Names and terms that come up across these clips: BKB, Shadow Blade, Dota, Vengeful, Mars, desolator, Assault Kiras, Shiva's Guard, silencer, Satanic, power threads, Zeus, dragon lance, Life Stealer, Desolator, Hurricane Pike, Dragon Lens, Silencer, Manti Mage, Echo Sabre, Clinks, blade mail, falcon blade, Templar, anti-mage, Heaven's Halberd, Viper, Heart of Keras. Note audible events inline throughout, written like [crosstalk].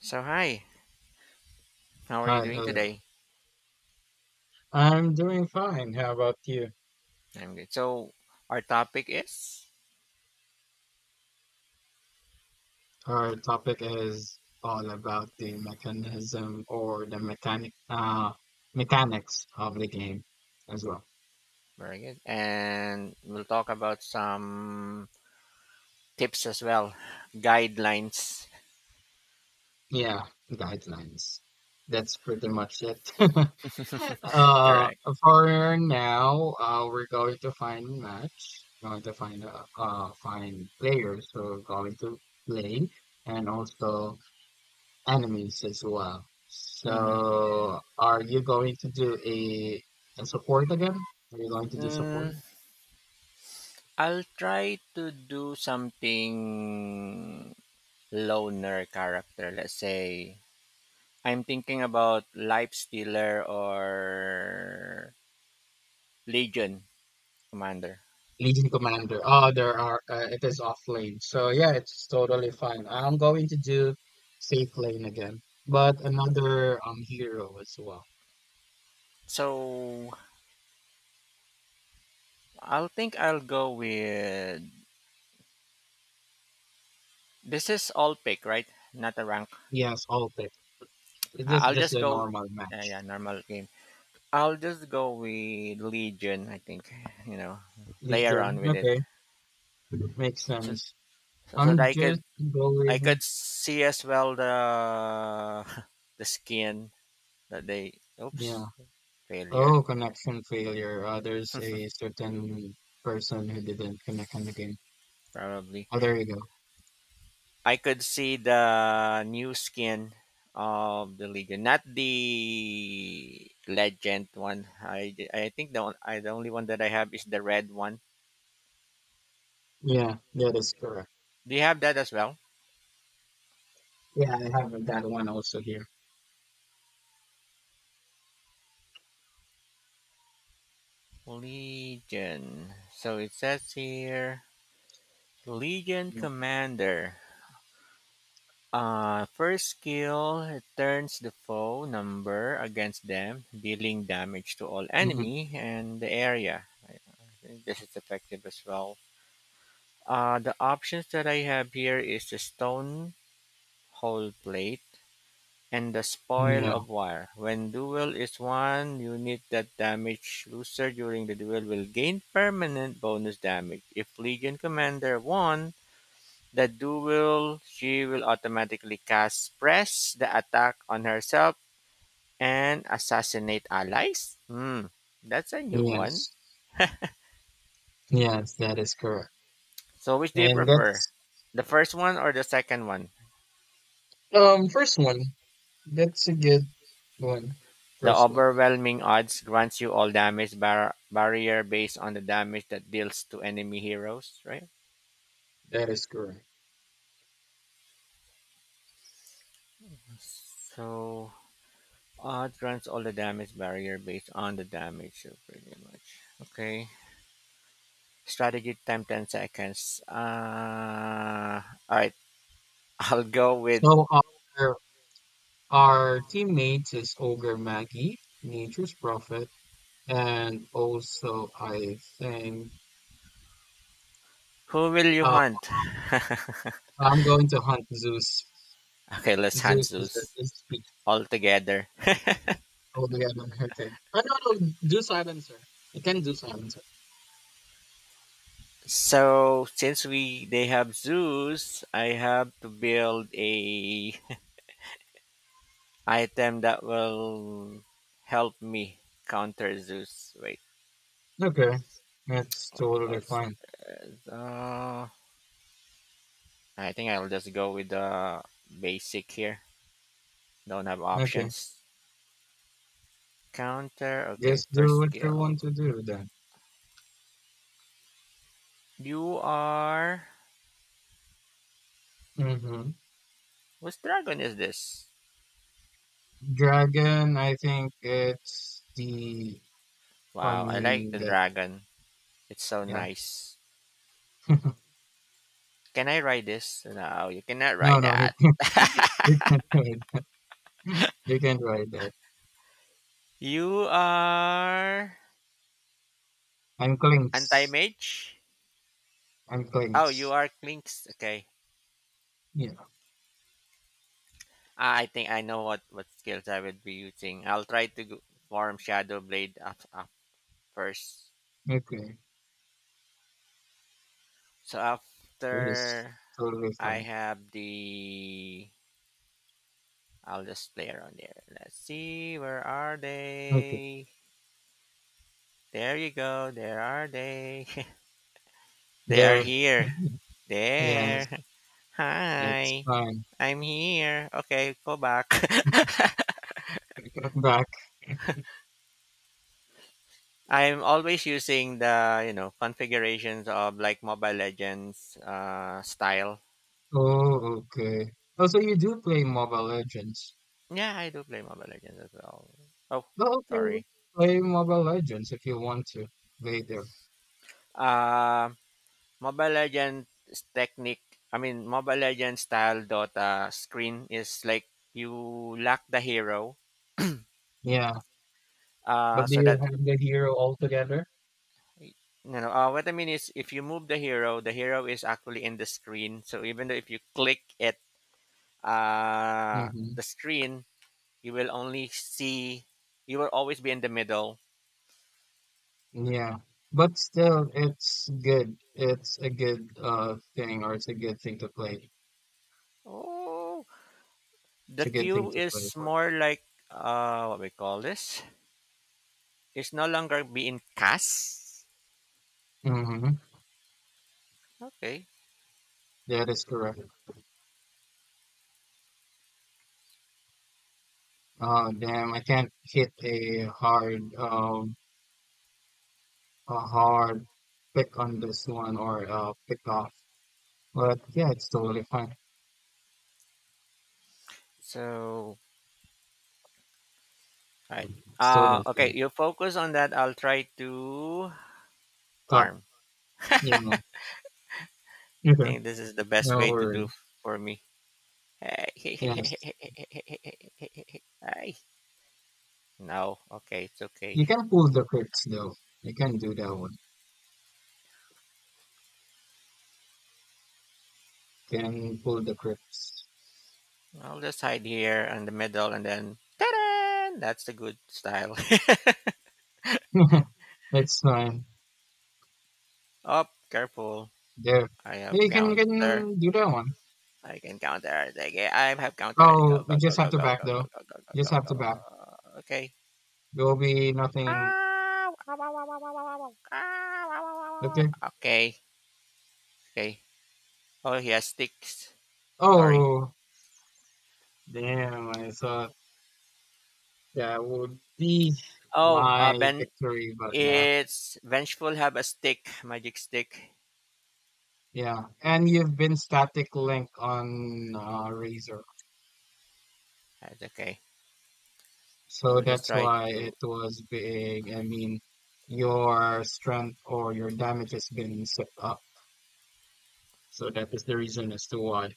So hi, how are you Hi, doing hello. today? I'm doing fine. How about you? I'm good. So our topic is Our topic is all about the mechanism or the mechanic mechanics of the game as well. very good, and we'll talk about some tips as well, guidelines. Yeah, guidelines. That's pretty much it. [laughs] [laughs] uh, Correct. for now, we're going to find match. Going to find find players who are going to play, and also Enemies as well. hmm So, are you going to do a support again? Are you going to do support? Mm, I'll try to do something loner character. Let's say I'm thinking about Life Stealer or Legion Commander. Legion Commander. Oh, there are. It is off lane. So yeah, it's totally fine. I'm going to do safe lane again, but another hero as well. So I'll think I'll go with. This is all pick, right? Not a rank. Yes, Altic. I- This is I'll just just a go. normal Yeah, yeah, match. normal game. I'll just go with Legion. I think you know, play around Legion. with it, Okay, makes so sense. so that I'm I could just going. see as well the [laughs] the skin that they. Oops, Yeah. failure Oh, connection failure. There's a certain person who didn't connect on the game. probably. Oh, there you go. I could see the new skin of the Legion, not the legend one. I think the one, I the only one that I have is the red one. Yeah, yeah, that's correct. Do you have that as well? Yeah, I have that one also here. Legion. So it says here Legion Mm-hmm. Commander. First skill it turns the foe number against them, dealing damage to all Mm-hmm. enemy and the area. I think this is effective as well. The options that I have here is the stone hole plate, and the spoil Yeah, of war. When duel is won, unit that damage loser during the duel will gain permanent bonus damage. If Legion Commander won the duel, she will automatically cast press the attack on herself and assassinate allies. Hmm, that's a new one. yes, yes, that is correct. So which do you And prefer? that's The first one or the second one? First one. That's a good one. The First one. overwhelming odds grants you all damage barrier based on the damage that deals to enemy heroes, right? That is correct. So odd runs all the damage barrier based on the damage, so pretty much. Okay. Strategy time 10 seconds. Alright, [laughs] I'll go with. So our our teammates is Ogre Maggie, Nature's Prophet, and also I think. Who will you uh, hunt? I'm going to hunt Zeus. [laughs] Okay, let's hunt Zeus is the Zeus is the all together. old island. Okay. Oh, no, no, Zeus silencer. Sir. You can do silencer. So since we they have Zeus, I have to build a [laughs] item that will help me counter Zeus. Wait, Okay. That's what totally was fine. that? I think I'll just go with the basic here. Don't have Okay. options. Counter. Okay, Just do first what skill. you want to do then. You are. Mm-hmm. Whose dragon is this? Dragon, I think it's the. I Wow, I like mean, the that. dragon. It's so Yeah. nice. [laughs] Can I ride this? No, you cannot No, ride no, you that. can't. [laughs] You can't do it. [laughs] You can't write that. You are I'm anti Clinks. mage. I'm Oh, you Clinks. are Klinks. Okay, Yeah. ah, I think I know what skills I would be using. I'll try to form Shadow Blade up first. Okay. So It is after totally I fine. have the. I'll just play around there. Let's see. Where are Okay. they? There you go. There are they. [laughs] They are There, [laughs] here. mhm. Yes, There. [laughs] it's Hi. fun. I'm here. Okay, go back. [laughs] Take it back. I'm always using the configurations of like Mobile Legends style. Oh, okay. Oh, so you do play Mobile Legends. Yeah, I do play Mobile Legends as well. Oh, Oh, okay. sorry. Play Mobile Legends if you want to later. Um, Mobile Legends technique, I mean Mobile Legends style Dota screen is like you lack the hero, Yeah, but do so you that have the hero altogether? you what I mean is if you move the hero is actually in the screen. So even though if you click it, Mm-hmm. the screen, you will only see, you will always be in the middle. Yeah, but still, it's good. It's a good thing, or it's a good thing to play. Oh, the It's a good thing queue to play is for. more like what we call this. It's no longer being cast. Mm-hmm. Okay, That is correct. Oh, damn, I can't hit a hard pick on this one or a pick off. But yeah, it's totally fine. so right. It's totally Okay, fair. you focus on that. I'll try to But farm. yeah, I okay. think this is the best No way to do worries. for me. Yes. [laughs] Ay, no. Okay, it's okay. You can pull the crypts though. You can do that one. Can pull the crypts. I'll just hide here in the middle and then. Ta-da! That's the good style. [laughs] It's fine. [laughs] Up, careful. There, I have yeah, you counter. can do that one. I can counter. Like, I have counter. Oh, Go, we go, go, just have go, to go, go, back go, though. go, go, Just go, have to go, back. go. Okay. There will be nothing Ah, wow, wow, wow, wow, wow, wow, wow. Ah, wow, wow, wow, wow, okay. wow. Okay, okay. Oh, he has sticks. Sorry. Oh damn, I thought that would be Oh, my Ben, victory, but no. it's Vengeful have a stick, magic stick. Yeah, and you've been static link on Razor, That's okay. We so will just that's try why to. it was big. I mean, your strength or your damage has been set up, so that is the reason as to why.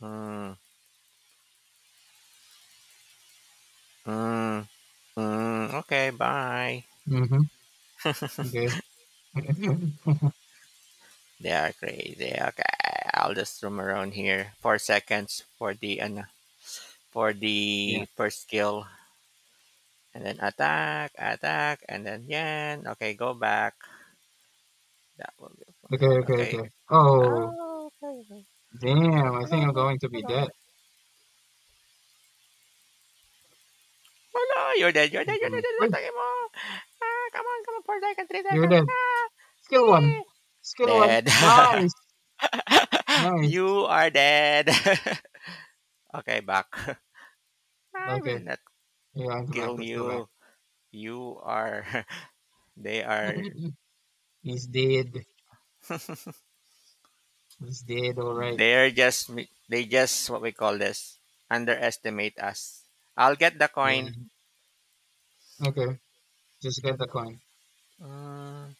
Mm, mm, mm. Okay, bye. Mm-hmm. Okay. [laughs] They are crazy. Okay, I'll just roam around here. 4 seconds for the uh, for Yeah. the first skill, and then attack, attack, and then yen. Okay, go back. That will be Okay. fine. Okay. Okay. Okay. Oh, Oh, okay. Okay. damn! Go, I think go, go, I'm go, going to go, be go, go. dead. Oh no, you're dead, you're I'm dead, you're dead, going. you're Wait, dead, you're ah, come on, come on, 4 seconds, three you're seconds. dead. Ah, Skill one. okay. Skill one. Dead. Nice. [laughs] Nice. You are dead. [laughs] Okay, back. [laughs] I will Okay. not Yeah, I'm back. kill Let's go back. you. You are, [laughs] they are, [laughs] He's dead. He's dead, all right. they're just, they just, what we call this, underestimate us. I'll get the Yeah. coin. Okay. Just get the coin. Mm,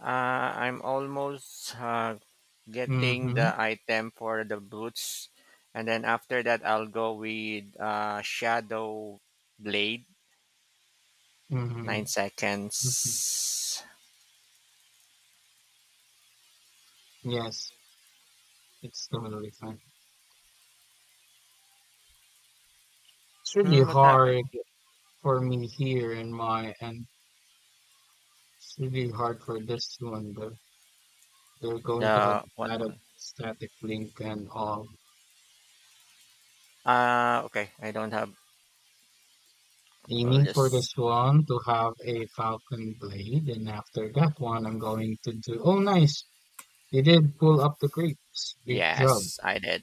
I'm almost getting Mm-hmm. the item for the boots, and then after that I'll go with shadow blade. nine Mm-hmm. Hmm. seconds Yes, it's totally fine. It's really What happened? hard for me here in my and it's really hard for this one though. They're going to have The the what static one? static link and all. Okay, I don't have. I'll Aiming for just. this one to have a falcon blade, and after that one, I'm going to do. Oh, nice! You did pull up the grapes. Great job. Yes, I did.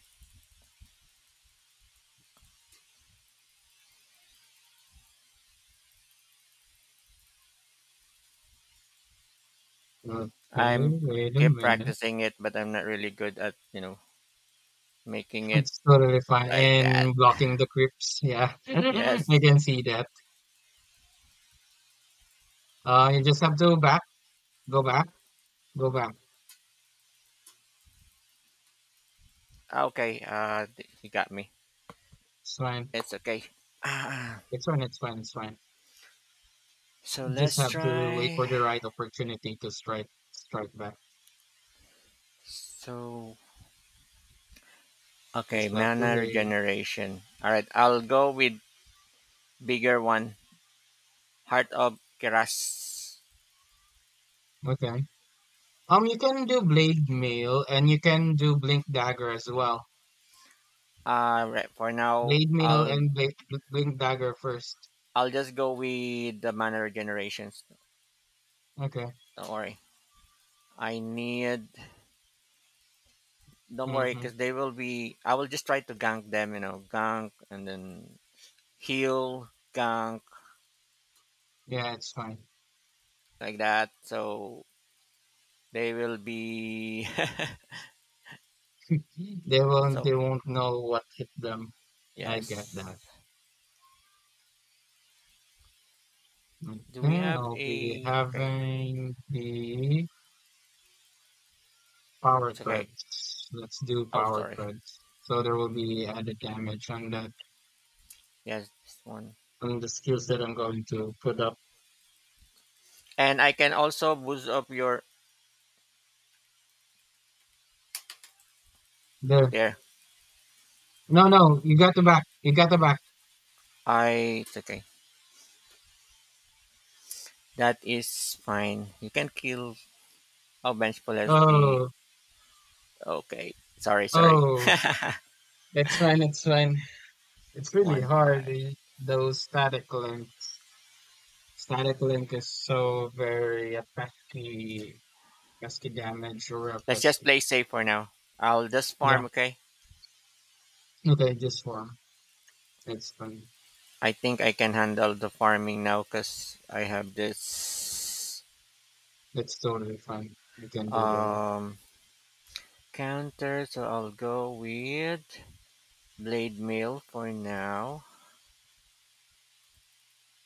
Okay, I'm wait a keep minute. practicing it, but I'm not really good at making it It's totally fine. like that. And blocking the creeps. Yeah. [laughs] Yes. I can see that. You just have to back, go back, go back. Okay, he got me. It's fine. It's okay. Ah, It's fine. It's fine. It's fine. so You just let's have to wait for try. the right opportunity to strike, strike back. so Okay, Just have to mana wait. regeneration. All right, I'll go with bigger one, Heart of Keras. Okay. You can do blade mail and you can do blink dagger as well. Right, for now, Blade mail I'll and blade, Blink dagger first. I'll just go with the mana regenerations. Okay. Don't worry. I need. Don't worry, because Mm-hmm. they will be. I will just try to gank them. Gank and then heal, gank Yeah, it's fine. like that. So they will be. They won't. [laughs] So They won't know what hit them. I get that. yes. Do we Okay, have I'll be a? Okay, having the power it's okay. threads. Let's do Oh, power sorry. threads. So there will be added damage Yes, this one. on the skills that I'm going to put up And I can also boost up your there. there. No, no, you got the back. You got the back. I It's okay. That is fine. You can kill oh bench pull has the Oh, okay. Sorry, sorry. oh, [laughs] it's fine. It's fine. It's really One hard. five. Those static links. Static link is so very a pesky, pesky damage or a Let's just pesky. play safe for now. I'll just Yeah. farm, okay? Okay, just form. It's fine. I think I can handle the farming now because I have this That's totally fine. You can do that. um counter, so I'll go with blade mail for now.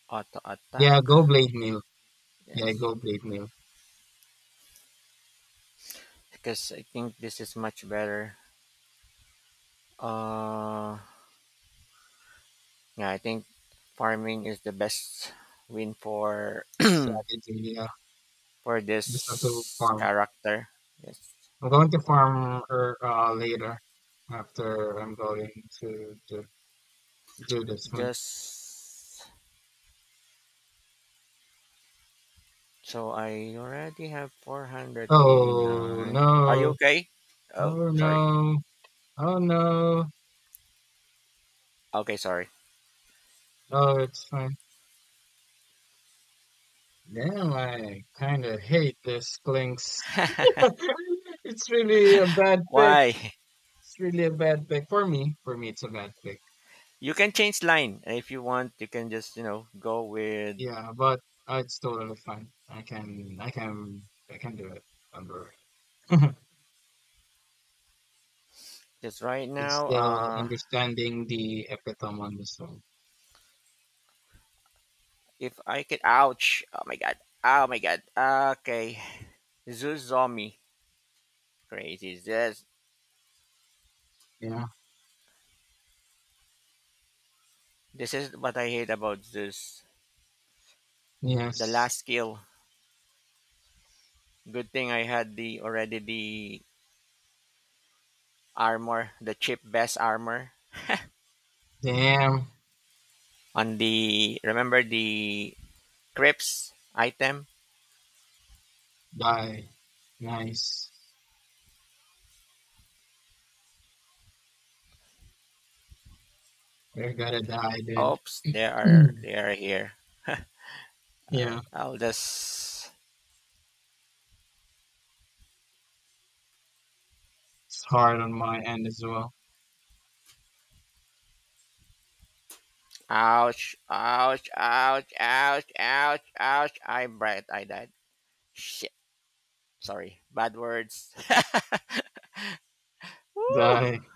Auto attack. Yeah, go blade mill. Yeah, Yes. go blade mill Because I think this is much better. Uh, yeah, I think farming is the best win for strategy. Yeah, [clears throat] for just have to this farm. character. Yes, I'm going to farm later after I'm going to do this one. just so I already have four hundred eighty Oh nine. Are you no! okay? Oh, Oh sorry. no! Oh no! Okay, sorry. Oh, it's fine. Damn, I kind of hate this Lynx. [laughs] [laughs] It's really a bad pick. Why? It's really a bad pick for me. For me, it's a bad pick. You can change line if you want. You can just go with Yeah, but it's totally fine. I can do it. Under [laughs] it's just right now. still understanding the epitome on the song. If I can. Ouch! Oh my god! Oh my god! Okay, Zoo zombie. Crazy. This Yeah. this is what I hate about this. The Yes. last skill. Good thing I had the already the armor, the cheap best armor Damn. on the remember the crypts item. Die. Nice. You're gonna die, Oops, they are dude. they [clears throat] are here. All Yeah. right, I'll just It's hard on my end as well. ouch, ouch, ouch, ouch, ouch, ouch. I bright. I died. Shit. Sorry. Bad words. [laughs] Woo! Die.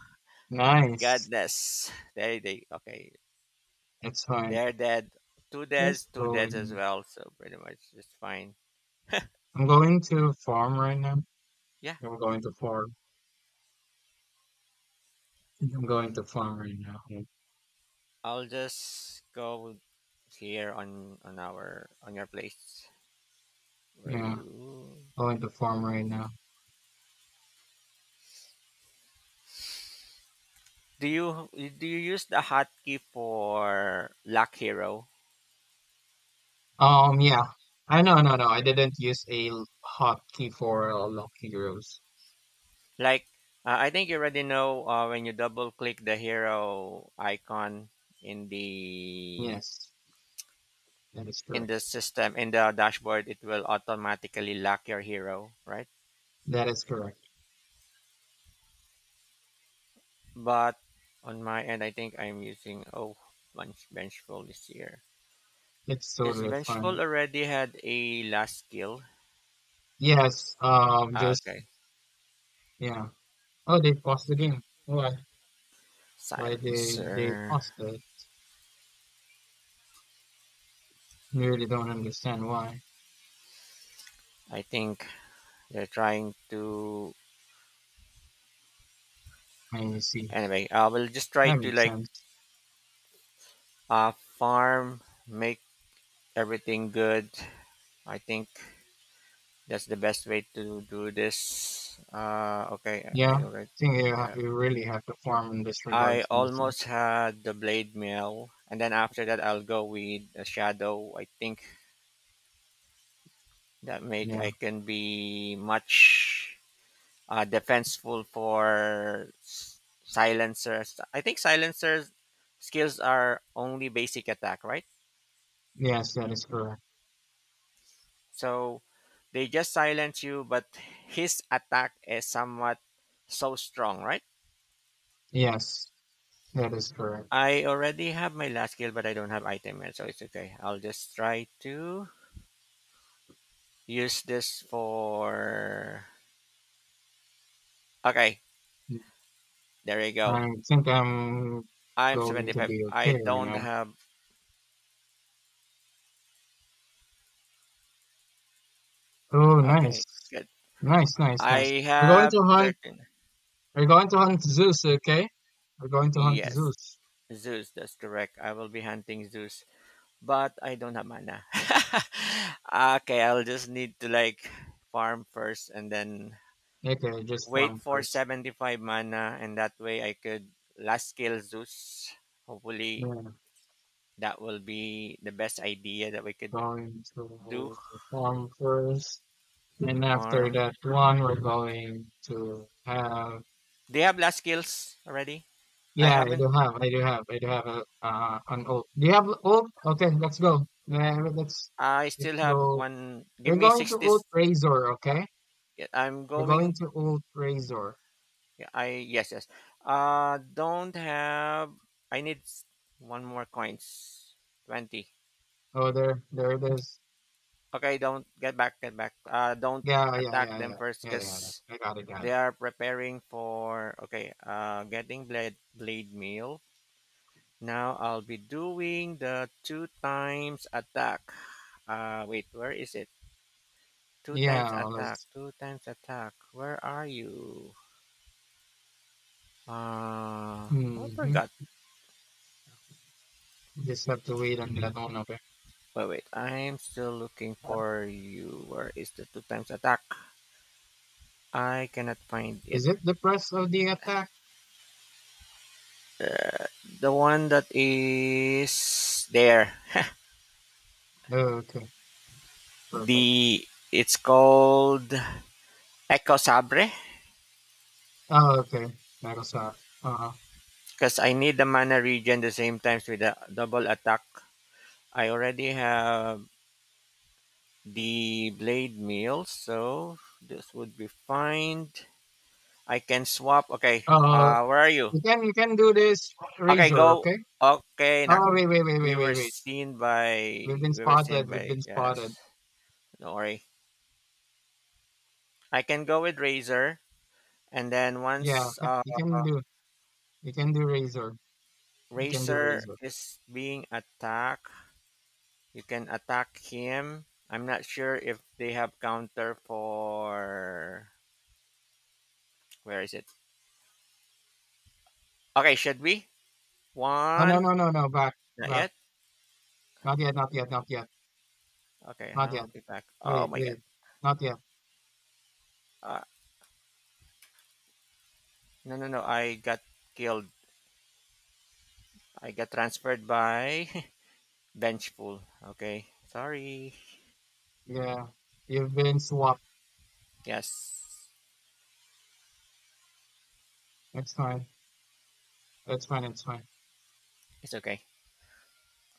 My Nice. goodness. There they okay. It's fine. They're dead. Just Two deads as going. well. So pretty much just fine. I'm going to farm right now. Yeah, I'm going to farm. I'm going to farm right now. I'll just go here on our on your place where Yeah. you. Going to farm right now. Do you use the hotkey for lock hero? Yeah. I I didn't use a hotkey for Lock Heroes. Like I think you already know when you double click the hero icon in the Yes, that is in correct. the system in the dashboard, it will automatically lock your hero, right? That is correct. But on my end, I think I'm using Vengeful this year. It's Is totally Vengeful fine. already had a last skill? Yes, Ah, just, okay, yeah. Oh, they paused the game. Why? Why they Silencer. paused it? You really don't understand why. I think they're trying to. I see. Anyway, I will just try That to makes like sense. Farm, make everything good. I think that's the best way to do this. Okay, Yeah. I already. I think you, uh, you really have to farm in this regard I to listen. almost had the blade mail, and then after that, I'll go with a shadow. I think that make Yeah. I can be much defenseful for silencers. I think silencers skills are only basic attack, right? Yes, that is correct. So they just silence you, but his attack is somewhat so strong, right? Yes, that is correct. I already have my last skill, but I don't have item yet, so it's okay. I'll just try to use this for. Okay, there you go. I think I'm I'm going to 75. be I okay right don't now. have. Oh, nice. Okay, good. Nice, nice, I nice. We're going have to hunt. 13. We're going to hunt Zeus, okay? We're going to hunt Yes, Zeus. Zeus, that's correct. I will be hunting Zeus, but I don't have mana. [laughs] Okay, I'll just need to like farm first and then Okay, just wait farm for first. 75 mana, and that way I could last scale Zeus, hopefully. Yeah, That will be the best idea that we could going do. to farm first. And after Farm. that one, we're going to have. They have last skills already. I Yeah, I haven't. do have. I do have. I do have a an ult. Do you have ult? Okay, let's go. Yeah, I still let's have go. one. Give We're me going to 60 seconds. ult Razor, okay? Yeah, I'm We're going going. to Old Razor. Yeah, I yes, yes. Don't have. I need one more coins. 20. Oh, there it is. Okay. Don't get back. Get back. Don't Yeah, yeah, attack yeah, them yeah, first, yeah, yeah, yeah. cause I got it, got they it. are preparing for. Okay. Getting blade meal. Now I'll be doing the two times attack. Wait. Where is it? Two Yeah, times all attack, those. two times attack. Where are you? I Hmm. forgot. Just have to wait on that one. Okay. But wait, I'm still looking for you. Where is the two times attack? I cannot find it. Is it the press of the attack? Uh, the one that is there. Oh, okay, perfect. The It's called Echo Sabre Oh, okay. That'll stop. Uh-huh. because I need the mana regen the same times with the double attack. I already have the blade meal, so this would be fine. I can swap. Okay. Uh, Where are you? You can do this Okay, razor, go. okay? Okay, nak. Oh, We were wait. seen by. We've been We were seen spotted. We've by. been Yes. spotted. Don't worry. I can go with Razor, and then Yeah, once you can do razor. You can do Razor razor. is being attacked, you can attack him. I'm not sure if they have counter for. Where is it? Okay, should we? Oh One. No. Back, Not back. yet. Not yet. Not yet. Not yet. Okay, Not I'll yet. be back. Oh my god. Wait, not yet. Uh, no, no, no. I got killed. I got transferred by [laughs] Benchpool. Okay, sorry. Yeah, you've been swapped. Yes, It's fine. It's fine. It's fine. it's okay.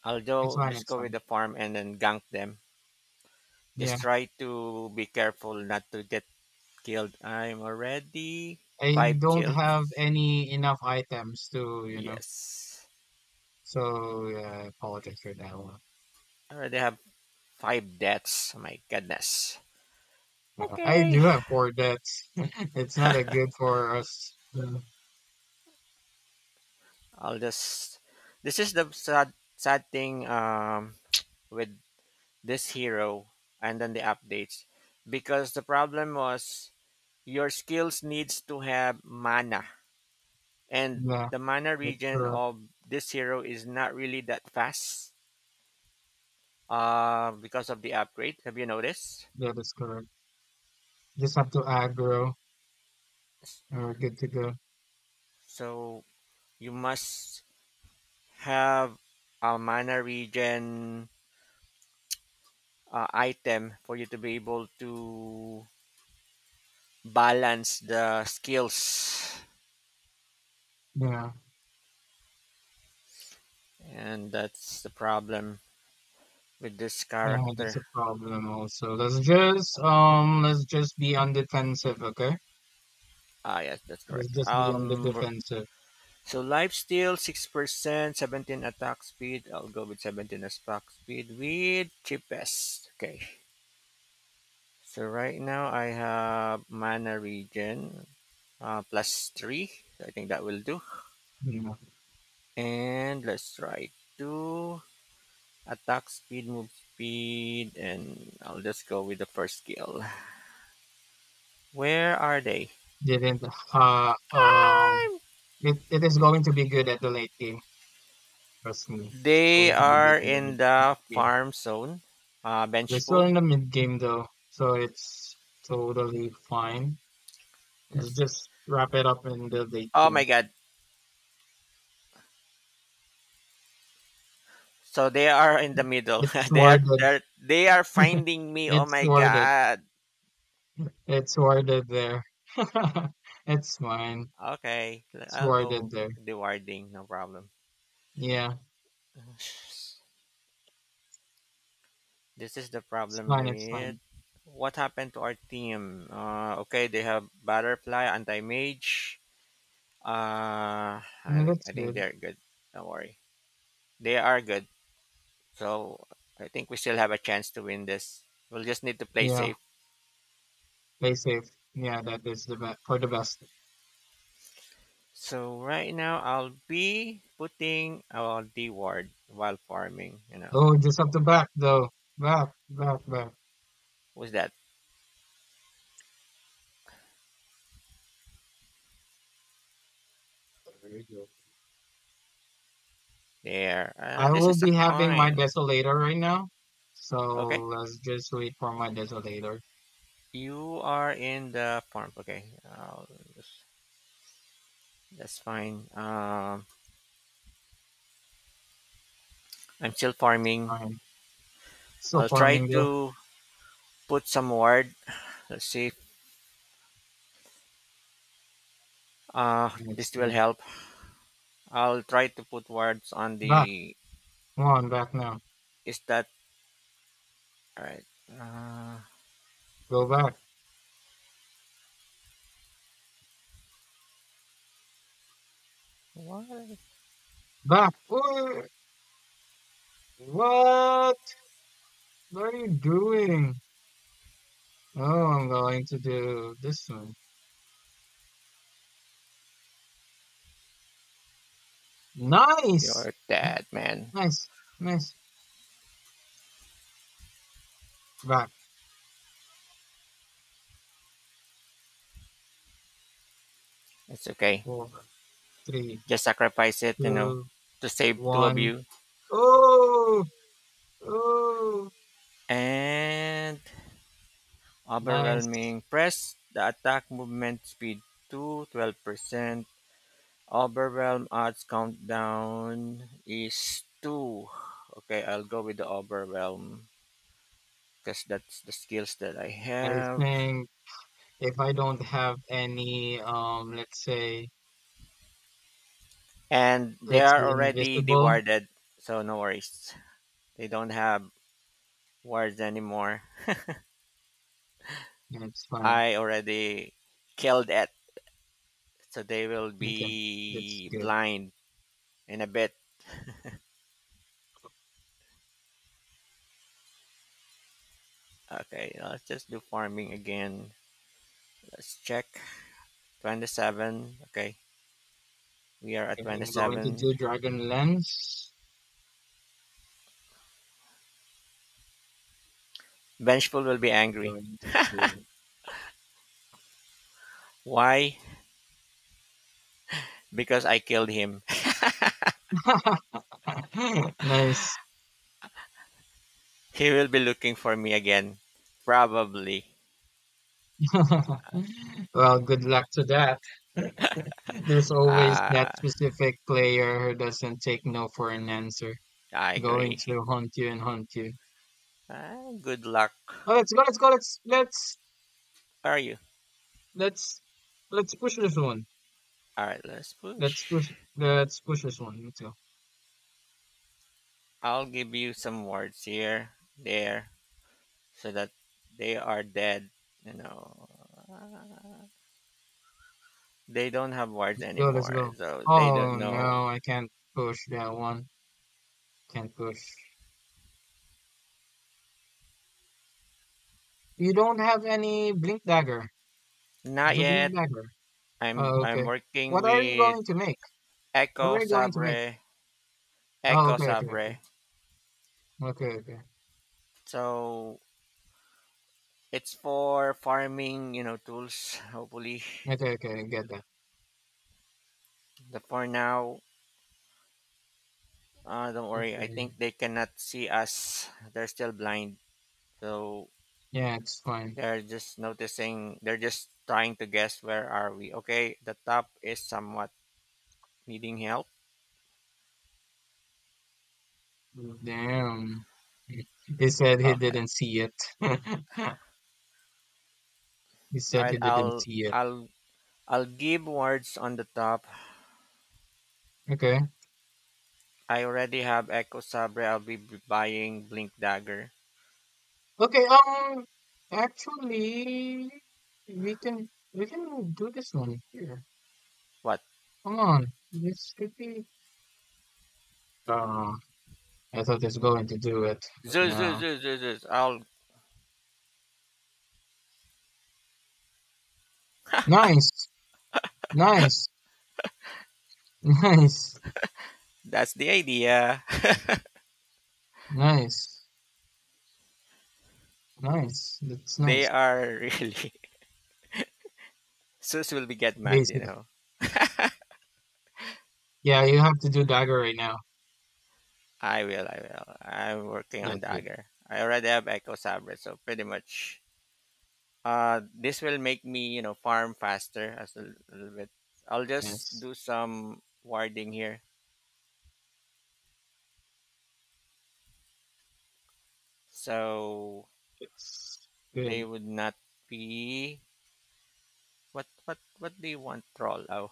I'll It's go fine. just It's go with fine. the farm and then gank them. Just Yeah, try to be careful not to get killed. I'm already I five don't kills. have any enough items to, you know. Yes, So yeah, I apologize for that one. I already have five deaths. Oh my goodness. I Okay, do have four deaths. [laughs] It's not a good for us. Yeah, I'll just. This is the sad, sad thing with this hero and then the updates because the problem was your skills needs to have mana, and yeah, the mana that's region correct. of this hero is not really that fast, because of the upgrade. Have you noticed? That is correct. Just have to aggro, and we're good to go. So you must have a mana region item for you to be able to balance the skills, Yeah, and that's the problem with this yeah, that's character. a problem. Also, let's just be on defensive, okay? Ah, yes, that's Let's correct. just be on the defensive. So lifesteal 6%, 17 attack speed. I'll go with 17 attack speed with cheapest. Okay. So right now I have mana regen, plus 3. So I think that will do. You know, And let's try to attack speed, move speed, and I'll just go with the first skill. Where are they? didn't. Uh, um, I it is going to be good at the late game. Trust me, it's They going to be good are in the in late the game. farm zone. We're still Benchful. in the mid game though, so it's totally fine. Let's Yes. just wrap it up in the late Oh my game. god. So they are in the middle. It's [laughs] they are worded. they're, they are finding me. Oh It's my worded. god. It's worded there. [laughs] It's fine. Okay, It's I'll worded go there. the warding. No problem. Yeah, [sighs] This is the it's problem fine. It's with fine. what happened to our team. Okay, they have butterfly, anti mage. I Mm, think that's I think good. they're good. Don't worry, they are good. So I think we still have a chance to win this. We'll just need to play Yeah. safe. Play safe. Yeah, that is the best for the best. So right now I'll be putting the word while farming. Oh, just up the back though. Back, back, back. What's that There you go. there? I And this will is a be having my coin. desolator right now. So Okay, let's just wait for my desolator. you are in the farm. Okay, I'll just, that's fine. I'm still farming. Fine. Still I'll try farming though. to put some word. Let's see. If, And it's this will fine. help. I'll try to put words on Back. the. Come on, back now. Is that all right? Uh, Go back. what? Back. Ooh, what? What are you doing? Oh, I'm going to do this one. Nice. You're dead, man. Nice. Nice. Back. It's okay. Four, three, Just sacrifice it, two, to save two of one. you. Oh, oh, And nice. overwhelming press, the attack movement speed to 12%. Overwhelm odds countdown is 2. Okay, I'll go with the overwhelm because that's the skills that I I have. think if I don't have any, And they let's are say already invisible, dewarded, so no worries. They don't have wards anymore. yeah, it's fine. I already killed it, so they will Okay, that's be good. blind in a bit. Okay, let's just do farming again. Let's check. 27. Okay, we are at Okay, I'm going to 27. do Dragon Lens. Vengeful will be angry. Going to do Why? Because I killed him. [laughs] [laughs] nice. He will be looking for me again. Probably. [laughs] Well, good luck to that. [laughs] There's always Uh, that specific player who doesn't take no for an answer, I going agree. [laughs] to hunt you and hunt you. Ah, good luck. Oh, Where are you? let's push this one. Alright, let's Let's push push. let's push this one. Let's go. I'll give you some words here, there, so that they are dead. You know. Uh, They don't have wards Let's go, let's anymore, go. so they don't Oh know. no, I can't push that one. Can't push. You don't have any blink dagger. Not Do yet. blink dagger. I'm Oh, I'm okay. working What are you with going to make? What Echo are you going to make? Sabre, Oh, Echo okay, okay, okay. Sabre. Okay, okay. So it's for farming, tools. [laughs] Hopefully, Okay, okay, I get that. the for now, don't worry. I Okay. think they cannot see us. They're still blind, so Yeah, it's fine. they're just noticing. They're just trying to guess where are we. Okay, the top is somewhat needing help. Damn. [laughs] He said he Okay, didn't see it. [laughs] He all said he right. didn't see it. I'll I'll give words on the top. Okay. I already have Echo Sabre. I'll be buying Blink Dagger. Okay, actually, we can do this one here. What? Come on, this should be. Uh, I thought it's going to do it, but Zeus, Zeus, no. Zeus, Zeus, Zeus. I'll. Nice, nice, [laughs] nice, That's the idea. [laughs] nice, nice. That's They nice. are really. [laughs] Zeus will be get mad, you Basically, know. yeah, you have to do dagger right now. I will, I will. I'm working on That's good. Dagger. I already have Echo Sabre, so pretty much. This will make me, farm faster as a little bit. I'll just Yes, do some warding here, so it's they good. would not be what do you want, troll? Oh,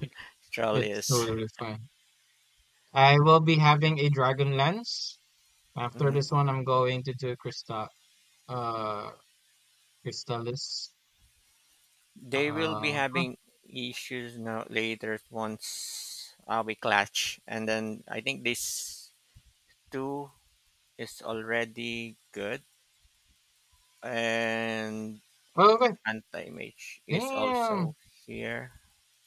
[laughs] [laughs] troll It's is totally fine. I will be having a dragon lance. After mhm. this one, I'm going to do crystal. Uh. It's They will be Uh, huh. having issues now later once we clutch, and then I think this two is already good, and Oh, okay. anti mage is also Damn. here.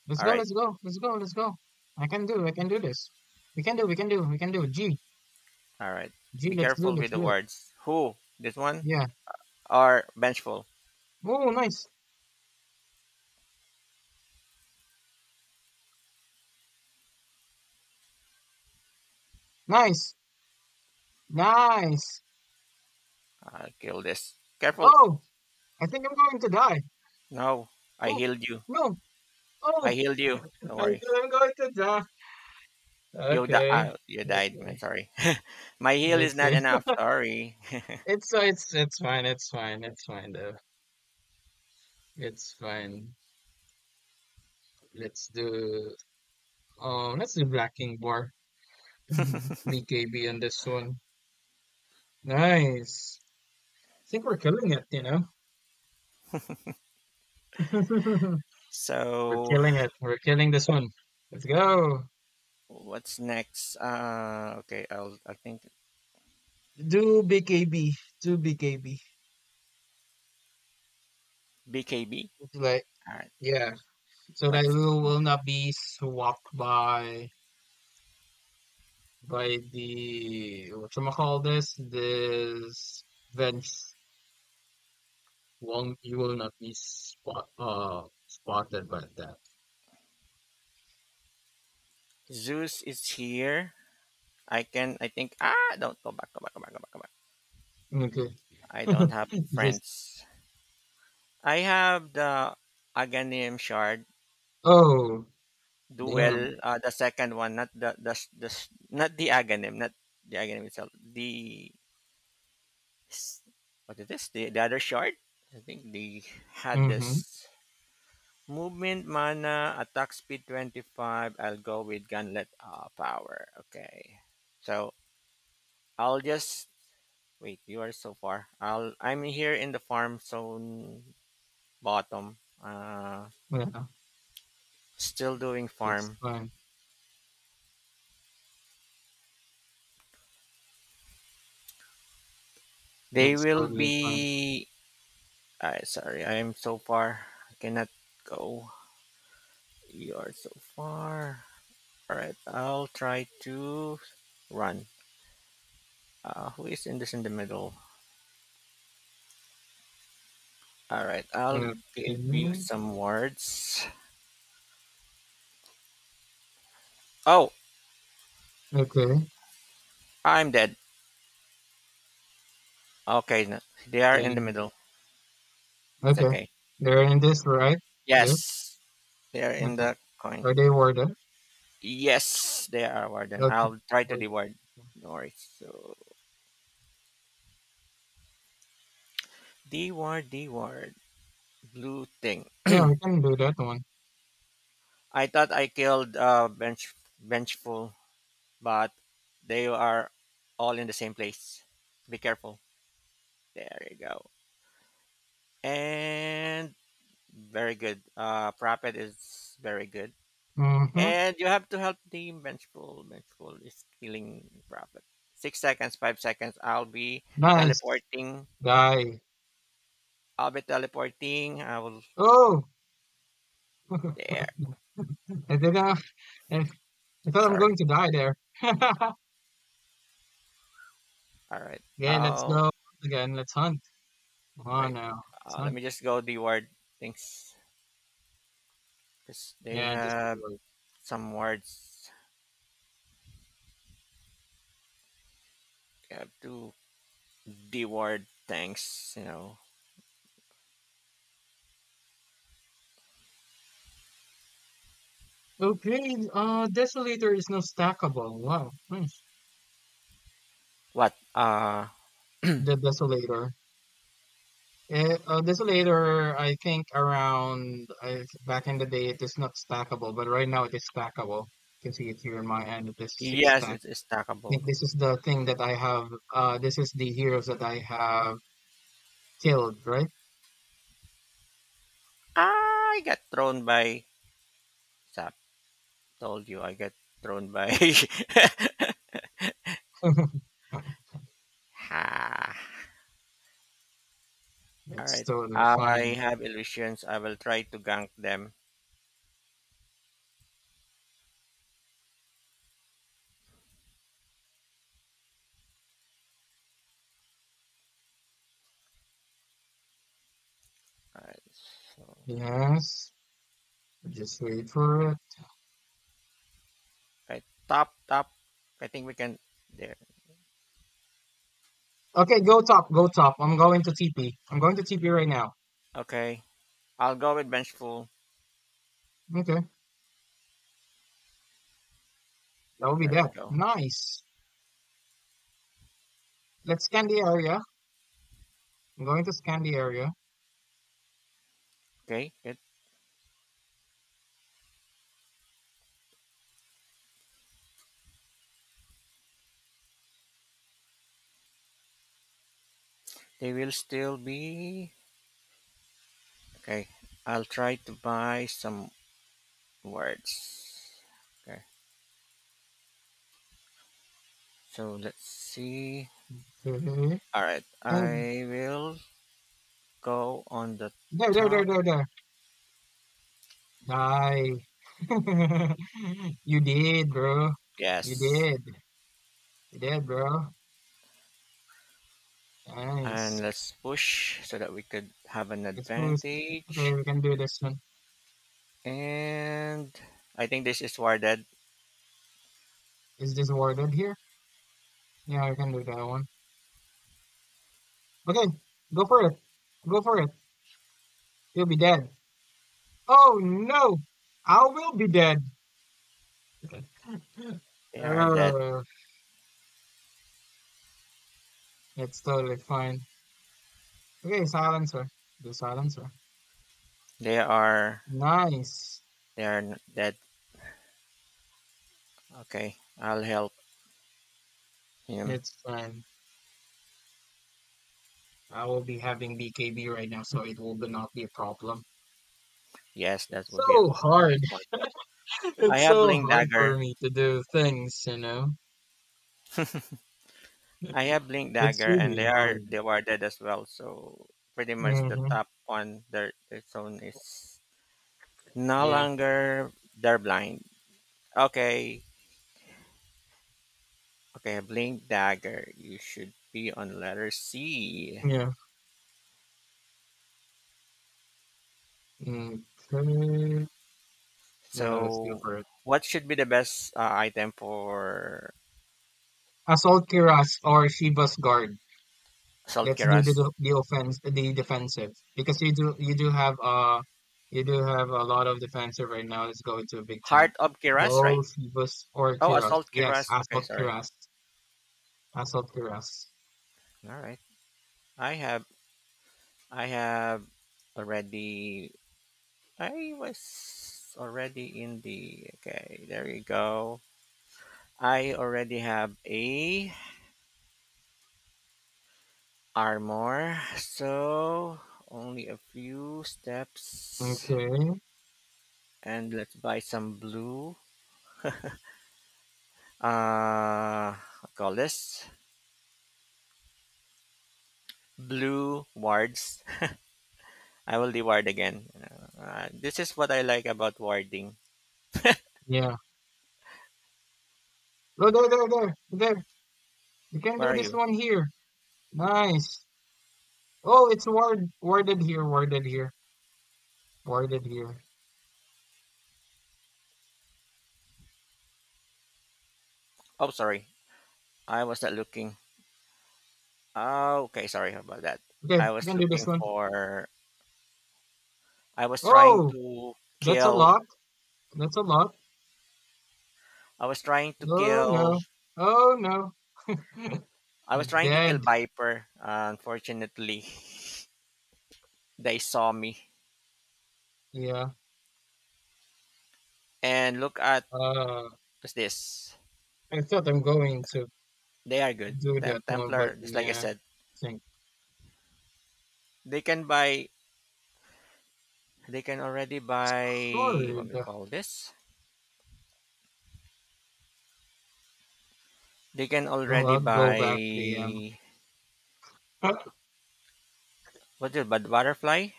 Let's All go, right. let's go, let's go, let's go. I can do this. We can do, we can do, we can do. G, All right. G, Be careful with let's the do it. words. Who? This one Yeah. or vengeful? Oh, nice, nice, nice. I'll kill this. Careful. Oh, I think I'm going to die. No, i Oh, healed you no. i Oh, healed you Don't I think worry. I'm going to die. You Okay, oh, you died, man. okay, Sorry. [laughs] My heal is not okay. [laughs] enough. Sorry. [laughs] It's fine, it's fine, it's fine, though. It's fine. Let's do, let's do Black King War. Mhm. BKB on this one. Nice. I think we're killing it, you know? [laughs] We're So killing it. We're killing this one. Let's go. what's next? Okay, I think Do BKB. Do BKB. BKB. Like, All right. yeah. So that we What's will not be swapped by the call this bench won't you will not be spotted by that. Zeus is here. I can. I think. Ah, don't go back. Go back. Go back. Go back. Go back. Okay. I don't have [laughs] Just, friends. I have the Aghanim shard oh, damn. duel. The second one, not the the not the Aghanim, not the Aghanim itself. The s- what is this? The other shard? I think they had Mm-hmm. this movement, mana, attack speed 25. I'll go with gunlet power. Okay. So I'll just wait. You are so far. I'm here in the farm zone bottom. Uh, Yeah. Still doing It's farm. fine. They It's will totally fine. be. Sorry, I am so far. I cannot go. You are so far. All right. I'll try to run. Who is in the middle? All right, I'll Okay. give you some words. Oh, Okay. I'm dead. Okay, no, they are in the Dang. middle. It's Okay. okay. They're in this, right? This? Yes, they are in Okay. the coin. Are they worded? Yes, they are warden. Okay. I'll try to Worded. deward. Okay. No worries. So deward, deward, blue thing. Yeah, we can do that one. I thought I killed benchful, but they are all in the same place. Be careful. There you go. And very good. Prophet is very good. Mm-hmm. And you have to help the Vengeful. Vengeful is killing Prophet. 6 seconds, 5 seconds. I'll be Nice. teleporting. Die. I'll be teleporting. I will. Oh! [laughs] I There. didn't I, I thought I'm Sorry. going to die there. [laughs] Okay, All right. let's I'll. go again. Let's hunt. Come on Wait. now. Let's Let hunt. me just go the word things. Because they Yeah, just do have it. some words. They have to the word things. Okay, Desolator is now stackable. Wow. Nice. What? The Desolator. This later, I think around back in the day, it is not stackable, but right now it is stackable. You can see it here in my end. It is six Yes, stack. it is I stackable. think this is the thing that I have. This is the heroes that I have killed, right? I got thrown by. Sap. Told you I got thrown by. [laughs] [laughs] Ha. All It's right. totally I fine. have illusions. I will try to gank them. All right. So, Yes, just wait for it. okay. Top, top. I think we can. There. Okay, go top, go top. I'm going to TP. I'm going to TP right now. Okay. I'll go with Vengeful. Okay, that will be There we that. go. Nice. Let's scan the area. I'm going to scan the area. Okay. Good. They will still be. Okay. I'll try to buy some words. Okay. So let's see. Okay. All right. And I will go on the No, no, no, top. no, no. Die. [laughs] You did, bro. You Yes. did. You did, bro. And Nice. let's push so that we could have an Let's boost. Okay, advantage. we can do this one. And I think this is where dead. Is this warded here? Yeah, we can do that one. Okay, go for it. Go for it. You'll be dead. Oh no! I will be dead. [laughs] They are dead. Oh, it's totally fine. Okay, silencer. Do silencer. They are Nice. they are dead. Okay, I'll help him. It's fine. I will be having BKB right now, so it will be not be a problem. Yes, that It's would be a so nice hard. one. [laughs] I It's have so blink hard dagger. for me to do things, you know? I have [laughs] blink It's dagger, and really hard. they were dead as well. So pretty much the Mm-hmm. top one, their zone is no Yeah. longer they're blind. Okay, okay, blink dagger. You should be on letter C. Yeah. Okay. Let's go So, for it. what should be the best item for Assault Kiras or Shiva's Guard. salt Let's do keras? the offense, the defensive, because you do have a lot of defensive right now. Let's go into a big time. Heart of keras, right? Go Shiva's or Oh, a Kiras. salt Yes, keras. Okay, Assault sorry. Kiras. Pass up the rest. All right. I have I have already. I was already in the. Okay, there you go. I already have a armor, so only a few steps, Okay. and let's buy some blue. Uh, what call this blue wards. I will be ward again. This is what I like about warding. Yeah. Oh, there, there, there, there. You can Where do are this you? one here. Nice. Oh, it's worded here, worded here, worded here. Oh, sorry. I was not looking. Oh, okay. Sorry about that. I Okay, you was can do this looking one. for. I was trying Oh, to that's a kill. lot. That's a lot. I was trying to Oh kill. no. Oh no. I was trying to kill Dead. Viper. Unfortunately, they saw me. Yeah. And look at Uh, what's this. I thought I'm going to They are good. do that one, but Templar, just like I yeah, I said, think they can buy. They can already it's buy. What we hard. call this? They can already Go back the. buy [laughs] what's it? But butterfly?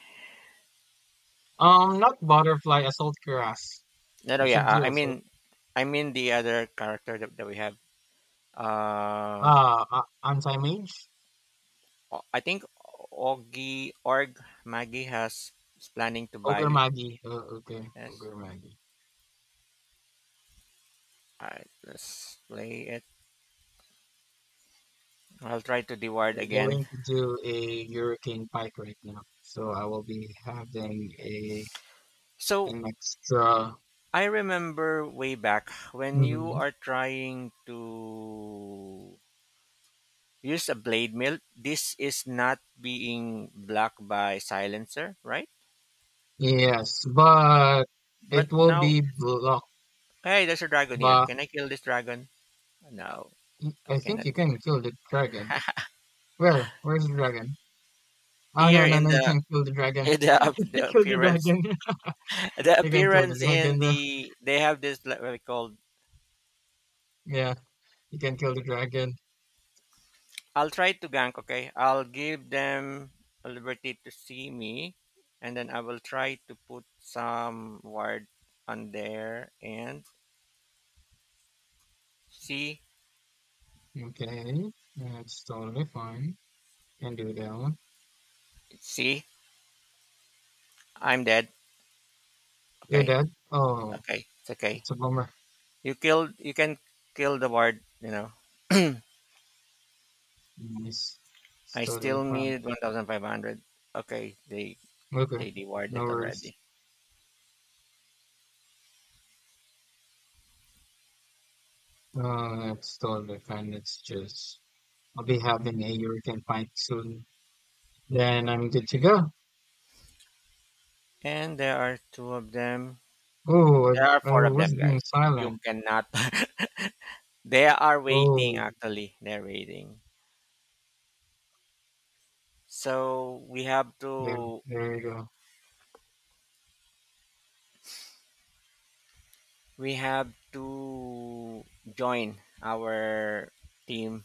Not butterfly, assault grass. No, no, You yeah. should do I mean, the other character that we have. Uh, a anti-mage? I think Augie Org Maggie has is planning to Ogre buy. Maggie. Oh, okay, Yes. Ogre Maggie. Alright, let's play it. I'll try to deward I'm again. going to do a Hurricane Pike right now, so I will be having a So an extra. I remember way back when you Mhm. are trying to use a blade mill. This is not being blocked by silencer, right? Yes, but But it will now, be blocked. hey, there's a dragon here. But Can I kill this dragon? No, I I think cannot you kill can kill the dragon. it. Where? Where's the dragon? [laughs] Oh Here no, no, in no! You the can't kill the dragon. in [laughs] the, [laughs] You can kill the dragon. the [laughs] You can kill the appearance in dragon though. the they have this like, what we call. Yeah, you can kill the dragon. I'll try to gank. Okay, I'll give them a liberty to see me, and then I will try to put some ward on there and see Okay, that's totally fine. Can do that one. see I'm dead. You're Okay, dead? Oh, okay, it's okay. it's a bummer. You killed. You can kill the ward. [clears throat] Nice. It's I totally still fine. need 1,500. Okay, Okay, they devoured no it worries. already. It's totally fine. It's just, I'll be having a hurricane fight soon. Then I'm good to go. And there are two of them. Oh, I, There are I four of was them, guys. being You silent. cannot. [laughs] They are waiting. Oh, Actually, they're waiting. So there, there you go. we have to join our team.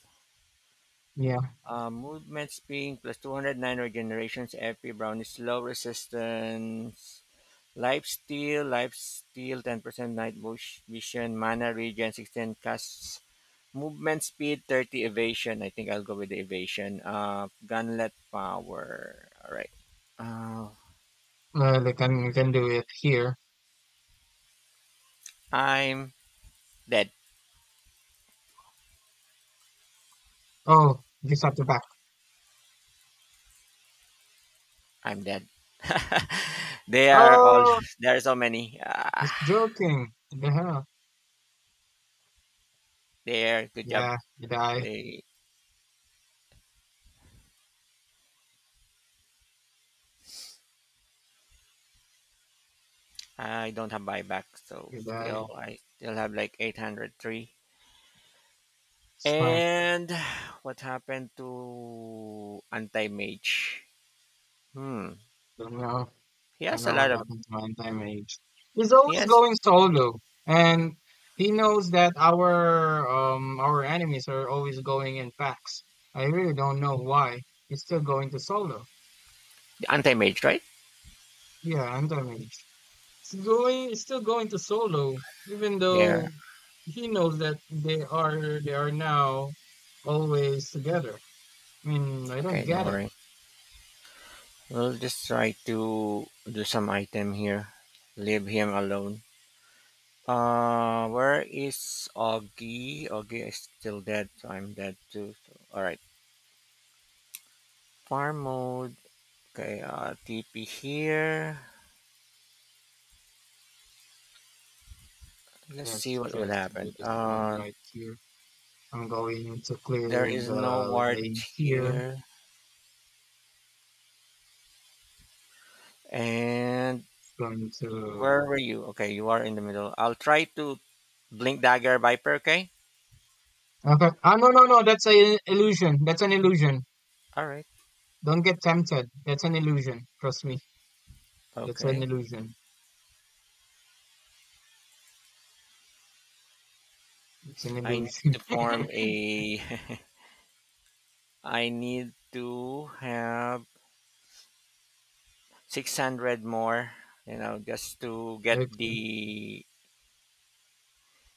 Yeah, Movement speed plus 209 regenerations, FP brownies, slow resistance, Life Steal, Life Steal, 10% night vision, mana regen, 16 casts, movement speed, 30 evasion. I think I'll go with the evasion. Gunlet power. All right. Uh, we can do it here. I'm dead. Oh, just at the back. I'm dead. [laughs] they are all, Oh, there are so many. Ah, just joking. What the hell? there, good job. Yeah, you die. They, I don't have buyback, so You still, die. I still have like 803. It's fine. And what happened to Anti-Mage? Hmm. Don't know, He don't has a know lot what of happened to Manti Mage. He's he always has going solo, and he knows that our enemies are always going in packs. I really don't know why he's still going to solo. Anti-Mage, right? Yeah, Manti Mage. It's still going to solo, even There. though he knows that they are now always together. I mean, I don't Okay, don't get it. worry. We'll just try to do some item here. Leave him alone. Where is Augie? Augie is still dead, so I'm dead too. So, alright. Farm mode. Okay, TP here. Let's see Let's what would just do happen. this one right here. I'm going to clear There is no the ward lane here. here. And It's going to. where were you? Okay, you are in the middle. I'll try to blink dagger viper, okay? Okay. No, no, no. That's an illusion. That's an illusion. All right. Don't get tempted. That's an illusion. Trust me. That's an Okay. illusion. It's an I need illusion. to form [laughs] a [laughs] I need to have 600 more, you know, just to get Okay. the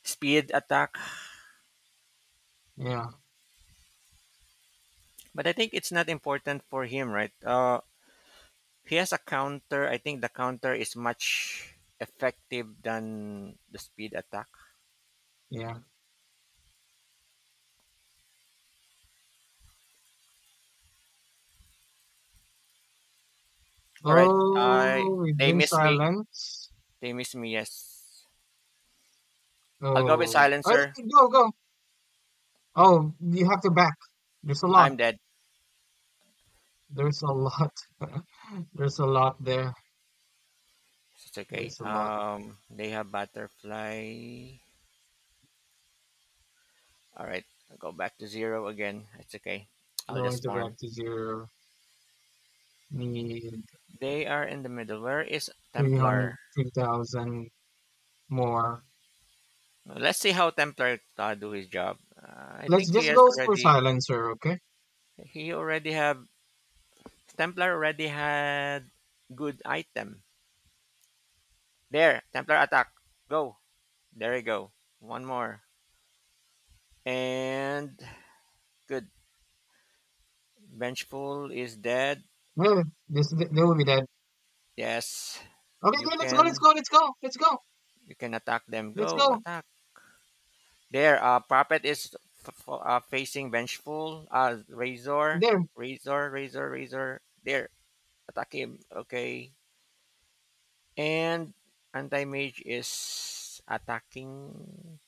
speed attack. Yeah. But I think it's not important for him, right? He has a counter. I think the counter is much effective than the speed attack. Yeah. All right. I Oh, we've They been miss me. silent. They miss me. Yes. I'll go with Oh. Oh, silencer. yeah, go, go. Oh, you have to back. There's a I'm lot. dead. There's a lot. [laughs] There's a lot there. It's okay. There's a lot. They have butterfly. All right, I'll go back to zero again. It's okay. I'll Going just to back farm. to zero. Need They are in the middle. Where is Three Templar? hundred, 3,000 more. Let's see how Templar do his job. I Let's think he just has go for already. silencer, okay? He already have Templar already had good item. There, Templar attack. Go. There you go. One more and good. Vengeful is dead. Yeah, they will be dead. Yes, Okay, you okay, let's go, let's can go, let's go, let's go, you can attack them. let's Go go. attack. There, prophet is facing Vengeful. Razor, There, Razor. There, attack him. Okay, and Anti Mage is attacking.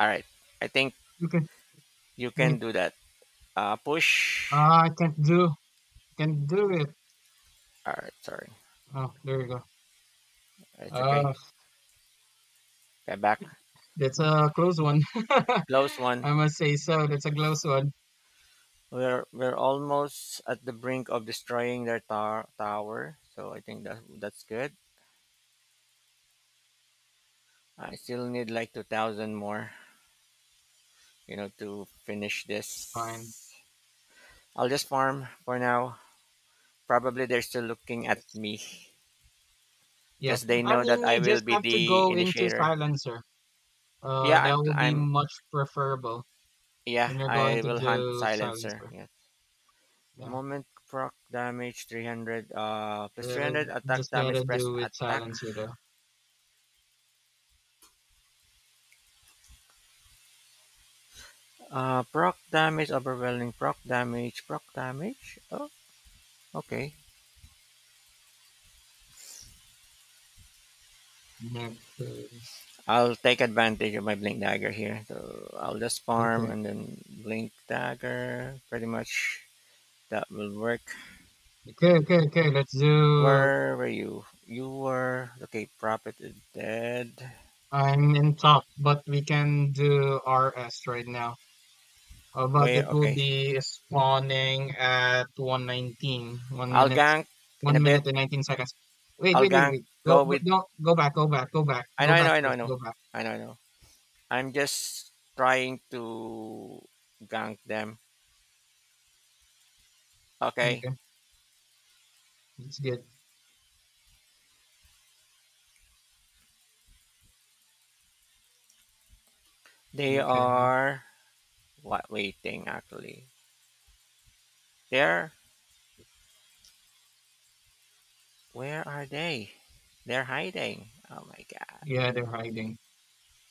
All right, I think okay, you wait. can do that. Push. Ah, I can't do, Can't do it. All right, sorry, Oh, there you go. it's okay. Uh, Get back. that's a close one. [laughs] Close one. I must say so. That's a close one. We're almost at the brink of destroying their tower, so I think that that's good. I still need like 2,000 more, you know, to finish It's fine. this. I'll just farm for now. Probably they're still looking at Yes. me Yeah, because they I know that mean, I you will just be have to the go into initiator. silencer. Yeah, That I'm. will be I'm. much preferable Yeah, when you're going I to will hunt do silencer. silencer. Yeah. Yeah. Moment proc damage 300 plus Yeah, 300 attack just gotta damage press do with attack. silence. Proc damage, overwhelming proc damage, proc damage. Oh, okay. Not, uh, I'll take advantage of my blink dagger here. So I'll just farm okay, and then blink dagger. Pretty much that will work. okay, okay, okay. Let's do. Where were you? You were okay. Prophet is dead. I'm in top, but we can do RS right now. But Where? it will Okay. be spawning at 1:19, I'll gank in a one bit. minute and 19 seconds. Wait, I'll wait, wait, gank. wait. Go, Go go, with. no, go back, go back, go back, I know. go I know. back I know. I first, know. go back. I know. I know. I'm just trying to gank them. Okay. Okay, that's good. They Okay, are. What waiting actually? They're Where are they? They're hiding. Oh my god. yeah, they're hiding.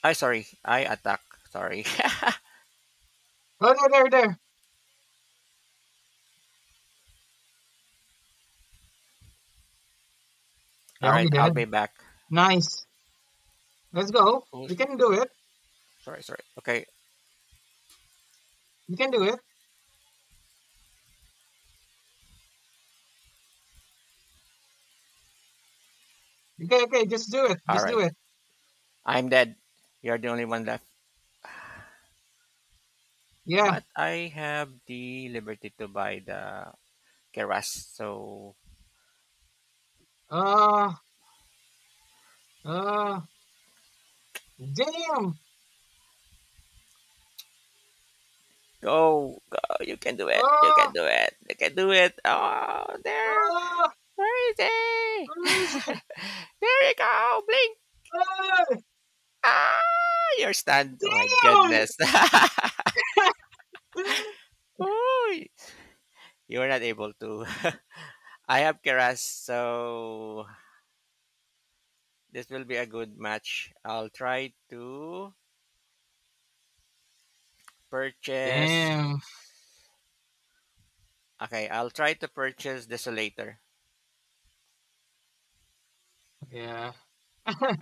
I Sorry. I attack. Sorry. Oh, there, there, there. [laughs] All They'll right, be I'll be dead. back. Nice. Let's go. Oh, We can do it. sorry, sorry. Okay. We can do it. Okay, okay, just do it. All Just right. do it. I'm dead. You're the only one left. Yeah. But I have the liberty to buy the keras. So Uh, uh, Damn. go, go. Uh, You can do it. Oh, there. uh, Where is he? where is it? [laughs] There you go. Blink. Uh, Ah, your stand. Oh my Damn. goodness. [laughs] [laughs] Uy, you were not able to. [laughs] I have Keras, so this will be a good match. I'll try to purchase. Damn. Okay, I'll try to purchase Desolator. Yeah. [laughs]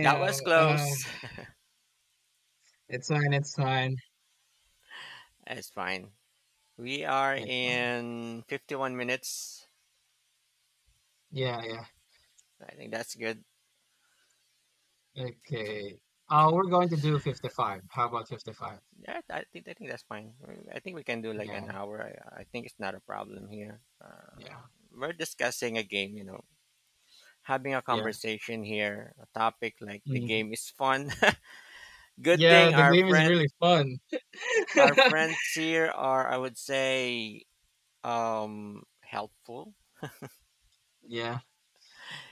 That was close. [laughs] It's fine. It's fine. It's fine. We are It's fine. in 51 minutes. Yeah, yeah. I think that's good. Okay. We're going to do 55. How about 55? Yeah, I think that's fine. I think we can do like an Yeah, hour. I think it's not a problem here. Yeah, We're discussing a game, you know, having a yeah. conversation here, a topic like the Mhm. game is fun. [laughs] Good Yeah, thing the game is really fun. our [laughs] friends here are, I would say, helpful. Yeah.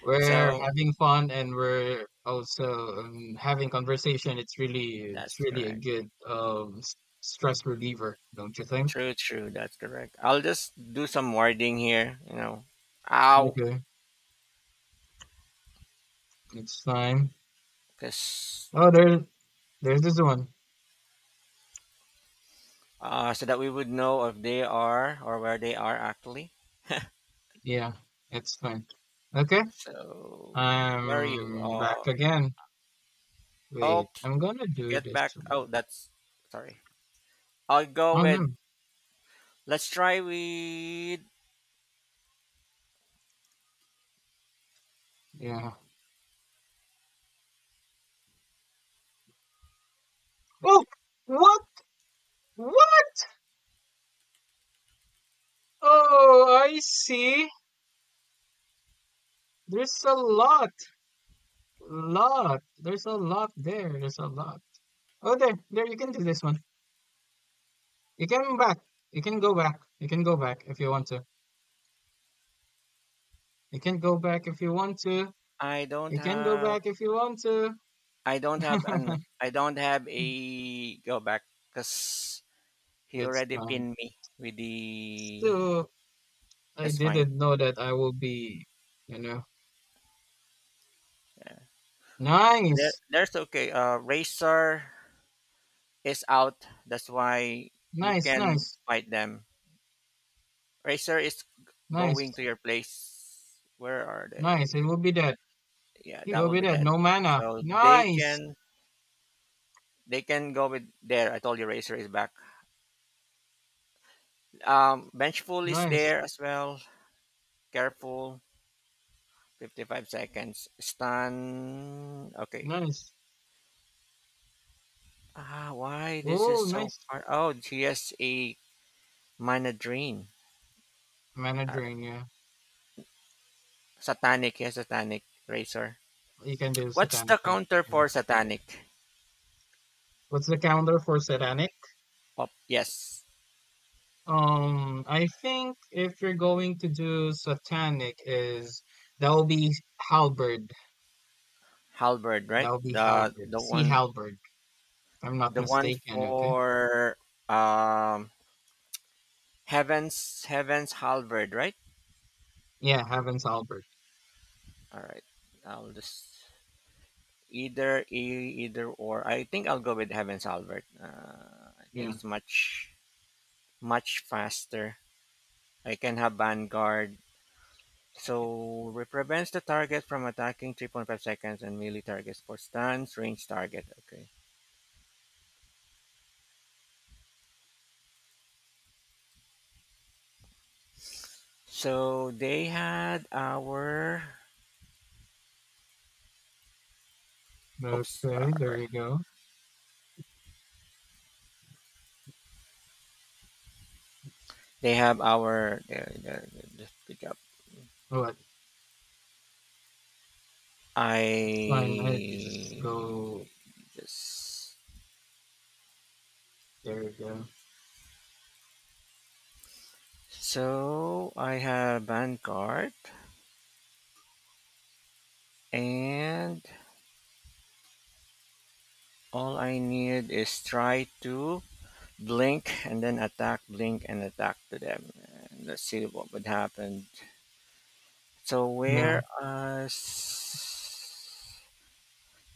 We're So having fun and we're also having conversation. It's really it's that's really a correct. good stress reliever, don't you think? That's correct. I'll just do some wording here, you know. Ow, Okay, it's fine. cuz Oh, there's this one. So that we would know if they are or where they are actually. Yeah, it's fine. Okay, So where are you? I'm back again. Oh, Wait, I'm gonna do get this back. Oh, one. that's sorry. I'll go Oh with no, Let's try with. yeah. Oh, what? What? Oh, I see. There's a lot, lot. There's a lot there. There's a lot. Oh, there, you can do this one. You can back. You can go back. You can go back if you want to. You can go back if you want to. I don't You can go have back if you want to. [laughs] I don't have a go back because he It's already fine. pinned me with the. So I That's fine. didn't know that I will be, you know, Yeah. There, nice, there's okay. Racer is out. That's why you nice, can nice, fight them. Racer is going nice, to your place. Where are nice. they? It will be that. Yeah, It that will will be be that. dead. No mana. So Nice, they can go with there. I told you Racer is back. Vengeful is nice, there as well. Careful. 55 seconds. Stun. Okay. nice. Ah, why? This is Oh, so nice. hard. Oh, he has a mana drain. Mana Alright. drain. Yeah, Satanic. He has Satanic Razor. you can do What's the satanic. Yeah. counter you can for do- Satanic? What's the counter for satanic? Oh, yes. I think if you're going to do satanic is that will be halberd. Halberd, right? That will be halberd. The Sea one, halberd, if I'm not the one mistaken, okay? for um Heaven's Halberd, right? Yeah, Heaven's Halberd. Alright. I'll just either either or. I think I'll go with Heaven's Albert. I think Yeah. it's much faster. I can have Vanguard. So it prevents the target from attacking 3.5 seconds and melee targets for stuns, range target. Okay. So they had our. Oops. Okay, Alright. there you go. They have our. There, just good job. What? That's fine. I You just I. go just. there you go. So I have Vanguard. And all I need is try to blink and then attack, blink and attack to them. And let's see what would happen. So Yeah, whereas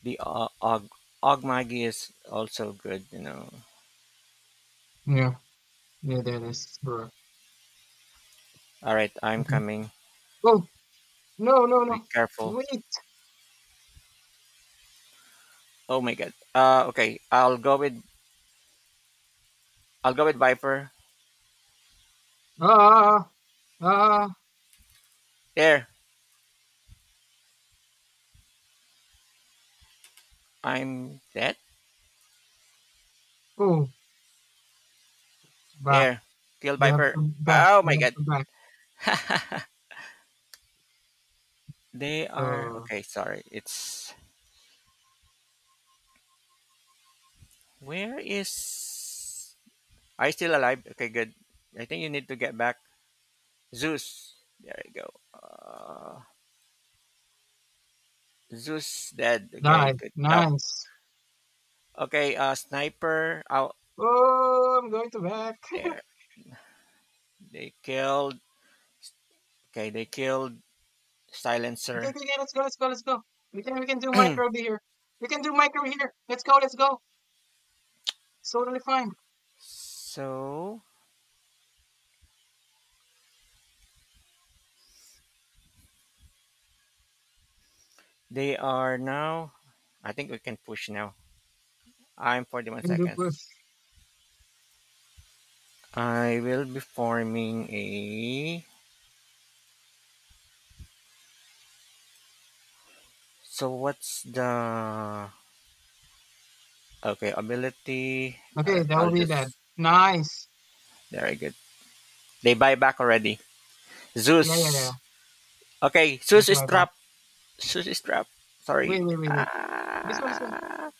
the Og Og Ogmagi is also good, you know. yeah. Yeah, that is correct. All right, I'm Okay. coming. Oh, no, no, Be no. careful. Wait. Oh my god. Okay. I'll go with Viper. Ah ah There. I'm dead. oh Back. There. Kill You have Viper. to back. Oh You my have god. to back. [laughs] They are uh. okay. Sorry, it's where is? Are you still alive? Okay, good. I think you need to get back. Zeus, there you go. Uh, Zeus dead. Okay, Nice, good job. nice. Okay, sniper out Oh, I'm going to back. [laughs] Okay, there. They killed. Okay, they killed okay, silencer. okay, let's go, let's go, let's go. We can do micro [clears throat] here. We can do micro here. Let's go, let's go. It's totally fine. So they are now. I think we can push now. I'm 41 We can do push. seconds. I will be forming a. So what's the okay ability? Okay, that I'll will be that. just Nice. very good. They buy back already. Yeah, yeah, yeah. Zeus. Okay, This Zeus is is my back. trapped. Zeus is trapped. Wait, Sorry. wait, wait, wait. This one, this one, Ah,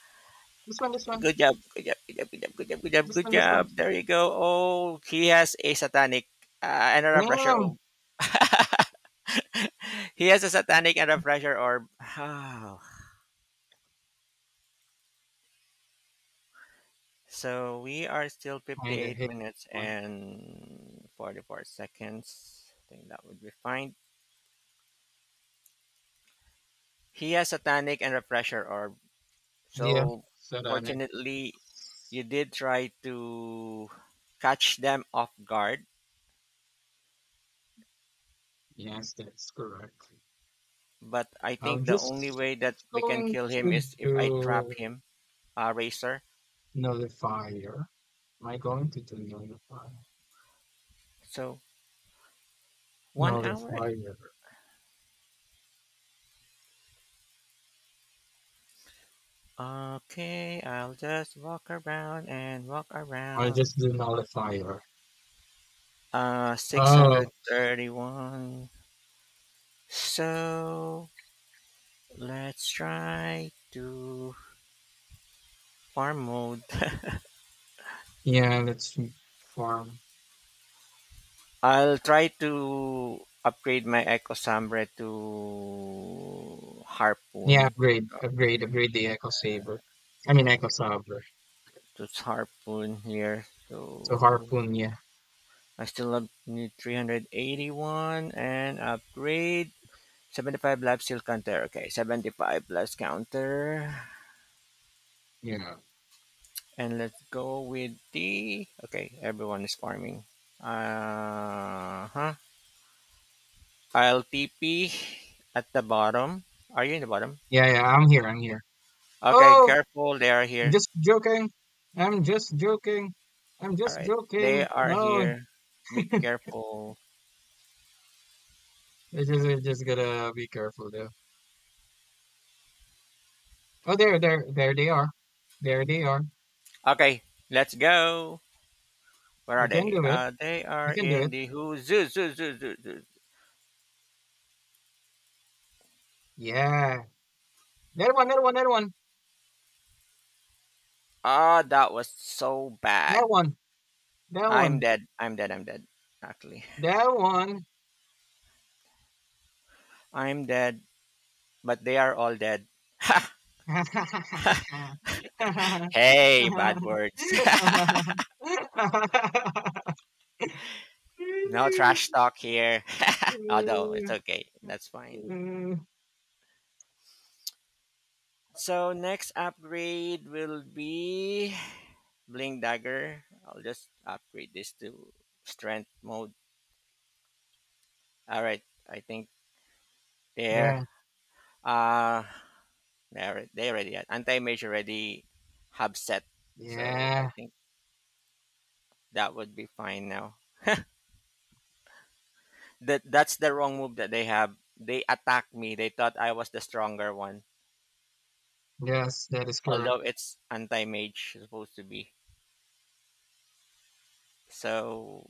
this one, this one, good job. Good job. Good job. Good job. Good job. Good job. this Good one, this job. one. There you go. Oh, he has a satanic, another pressure orb. Damn. [laughs] He has a satanic and a pressure orb. Oh, so we are still Kinda 58 hit minutes one. and 44 seconds. I think that would be fine. He has satanic and refresher orb. Yeah, So set on it. fortunately, you did try to catch them off guard. Yes, that's correct. But I think I'm the only just way that just we can going kill him to is if I trap do him, Racer. Nullifier. Am I going to do nullify? So 1 hour. Nullifier. Okay, I'll just walk around and walk Or around. just do nullifier. Oh, 631. So let's try to farm mode. [laughs] yeah, let's farm. I'll try to upgrade my Echo Sambre to Yeah, Harpoon. upgrade, upgrade, upgrade the Echo Saber. I mean Echo Saber. To Harpoon here. So So harpoon, yeah. I still have- need 381 and upgrade. 75 lab seal counter. Okay, 75 plus counter. Yeah. And let's go with the. Okay, everyone is farming. Uh huh. I'll TP at the bottom. Are you in the bottom? Yeah, yeah, I'm here, I'm here. Okay, Oh, careful. They are here. just joking. I'm just joking. I'm All just right. They joking. are No, here. Be careful. I just gotta be careful though. Oh, there they are. There they are. Okay, let's go. Where are We can they? do it. They are We can do in it. the who zoo. Yeah. That one, that one, that one, Ah, that was so that bad. one, I'm dead. Actually, that one, I'm dead. But they are all dead. Hey, bad words. that [laughs] No trash talk here. [laughs] Although it's okay. That's fine. one. [laughs] So next upgrade will be Bling Dagger. I'll just upgrade this to strength mode. Alright, I think Yeah, there. Uh they already had anti mage already have set. So I yeah, think that would be fine now. That's the wrong move that they have. They attacked me. They thought I was the stronger one. yes, that is Although correct. it's anti mage supposed to be. So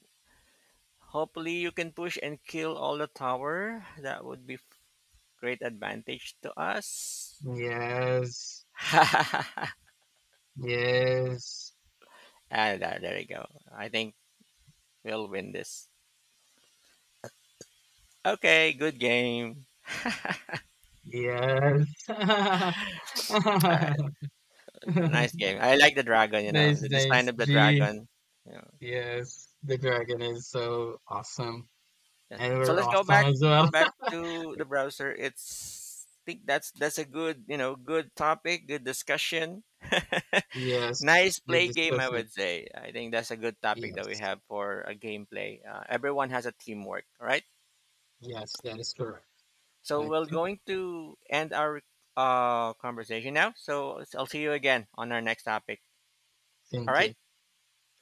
hopefully you can push and kill all the tower. That would be great advantage to us. Yes, [laughs] yes, And there we go. I think we'll win this. Okay, good game. yes. All right, [laughs] nice game. I like the dragon. You know, Nice, the design nice. of the Gee, dragon. You know, yes, the dragon is so awesome. yeah. And So we're let's go awesome back. as Go well. back to the browser. It's think that's a good, you know, good topic, good discussion. [laughs] Yes, Nice the play game, I discussion. would say. I think that's a good topic that we Yes, have for a gameplay. Everyone has a teamwork, right? yes, that is correct. So we're Okay, going to end our conversation now. So I'll see you again on our next topic. All thank right, you.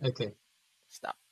Okay, stop.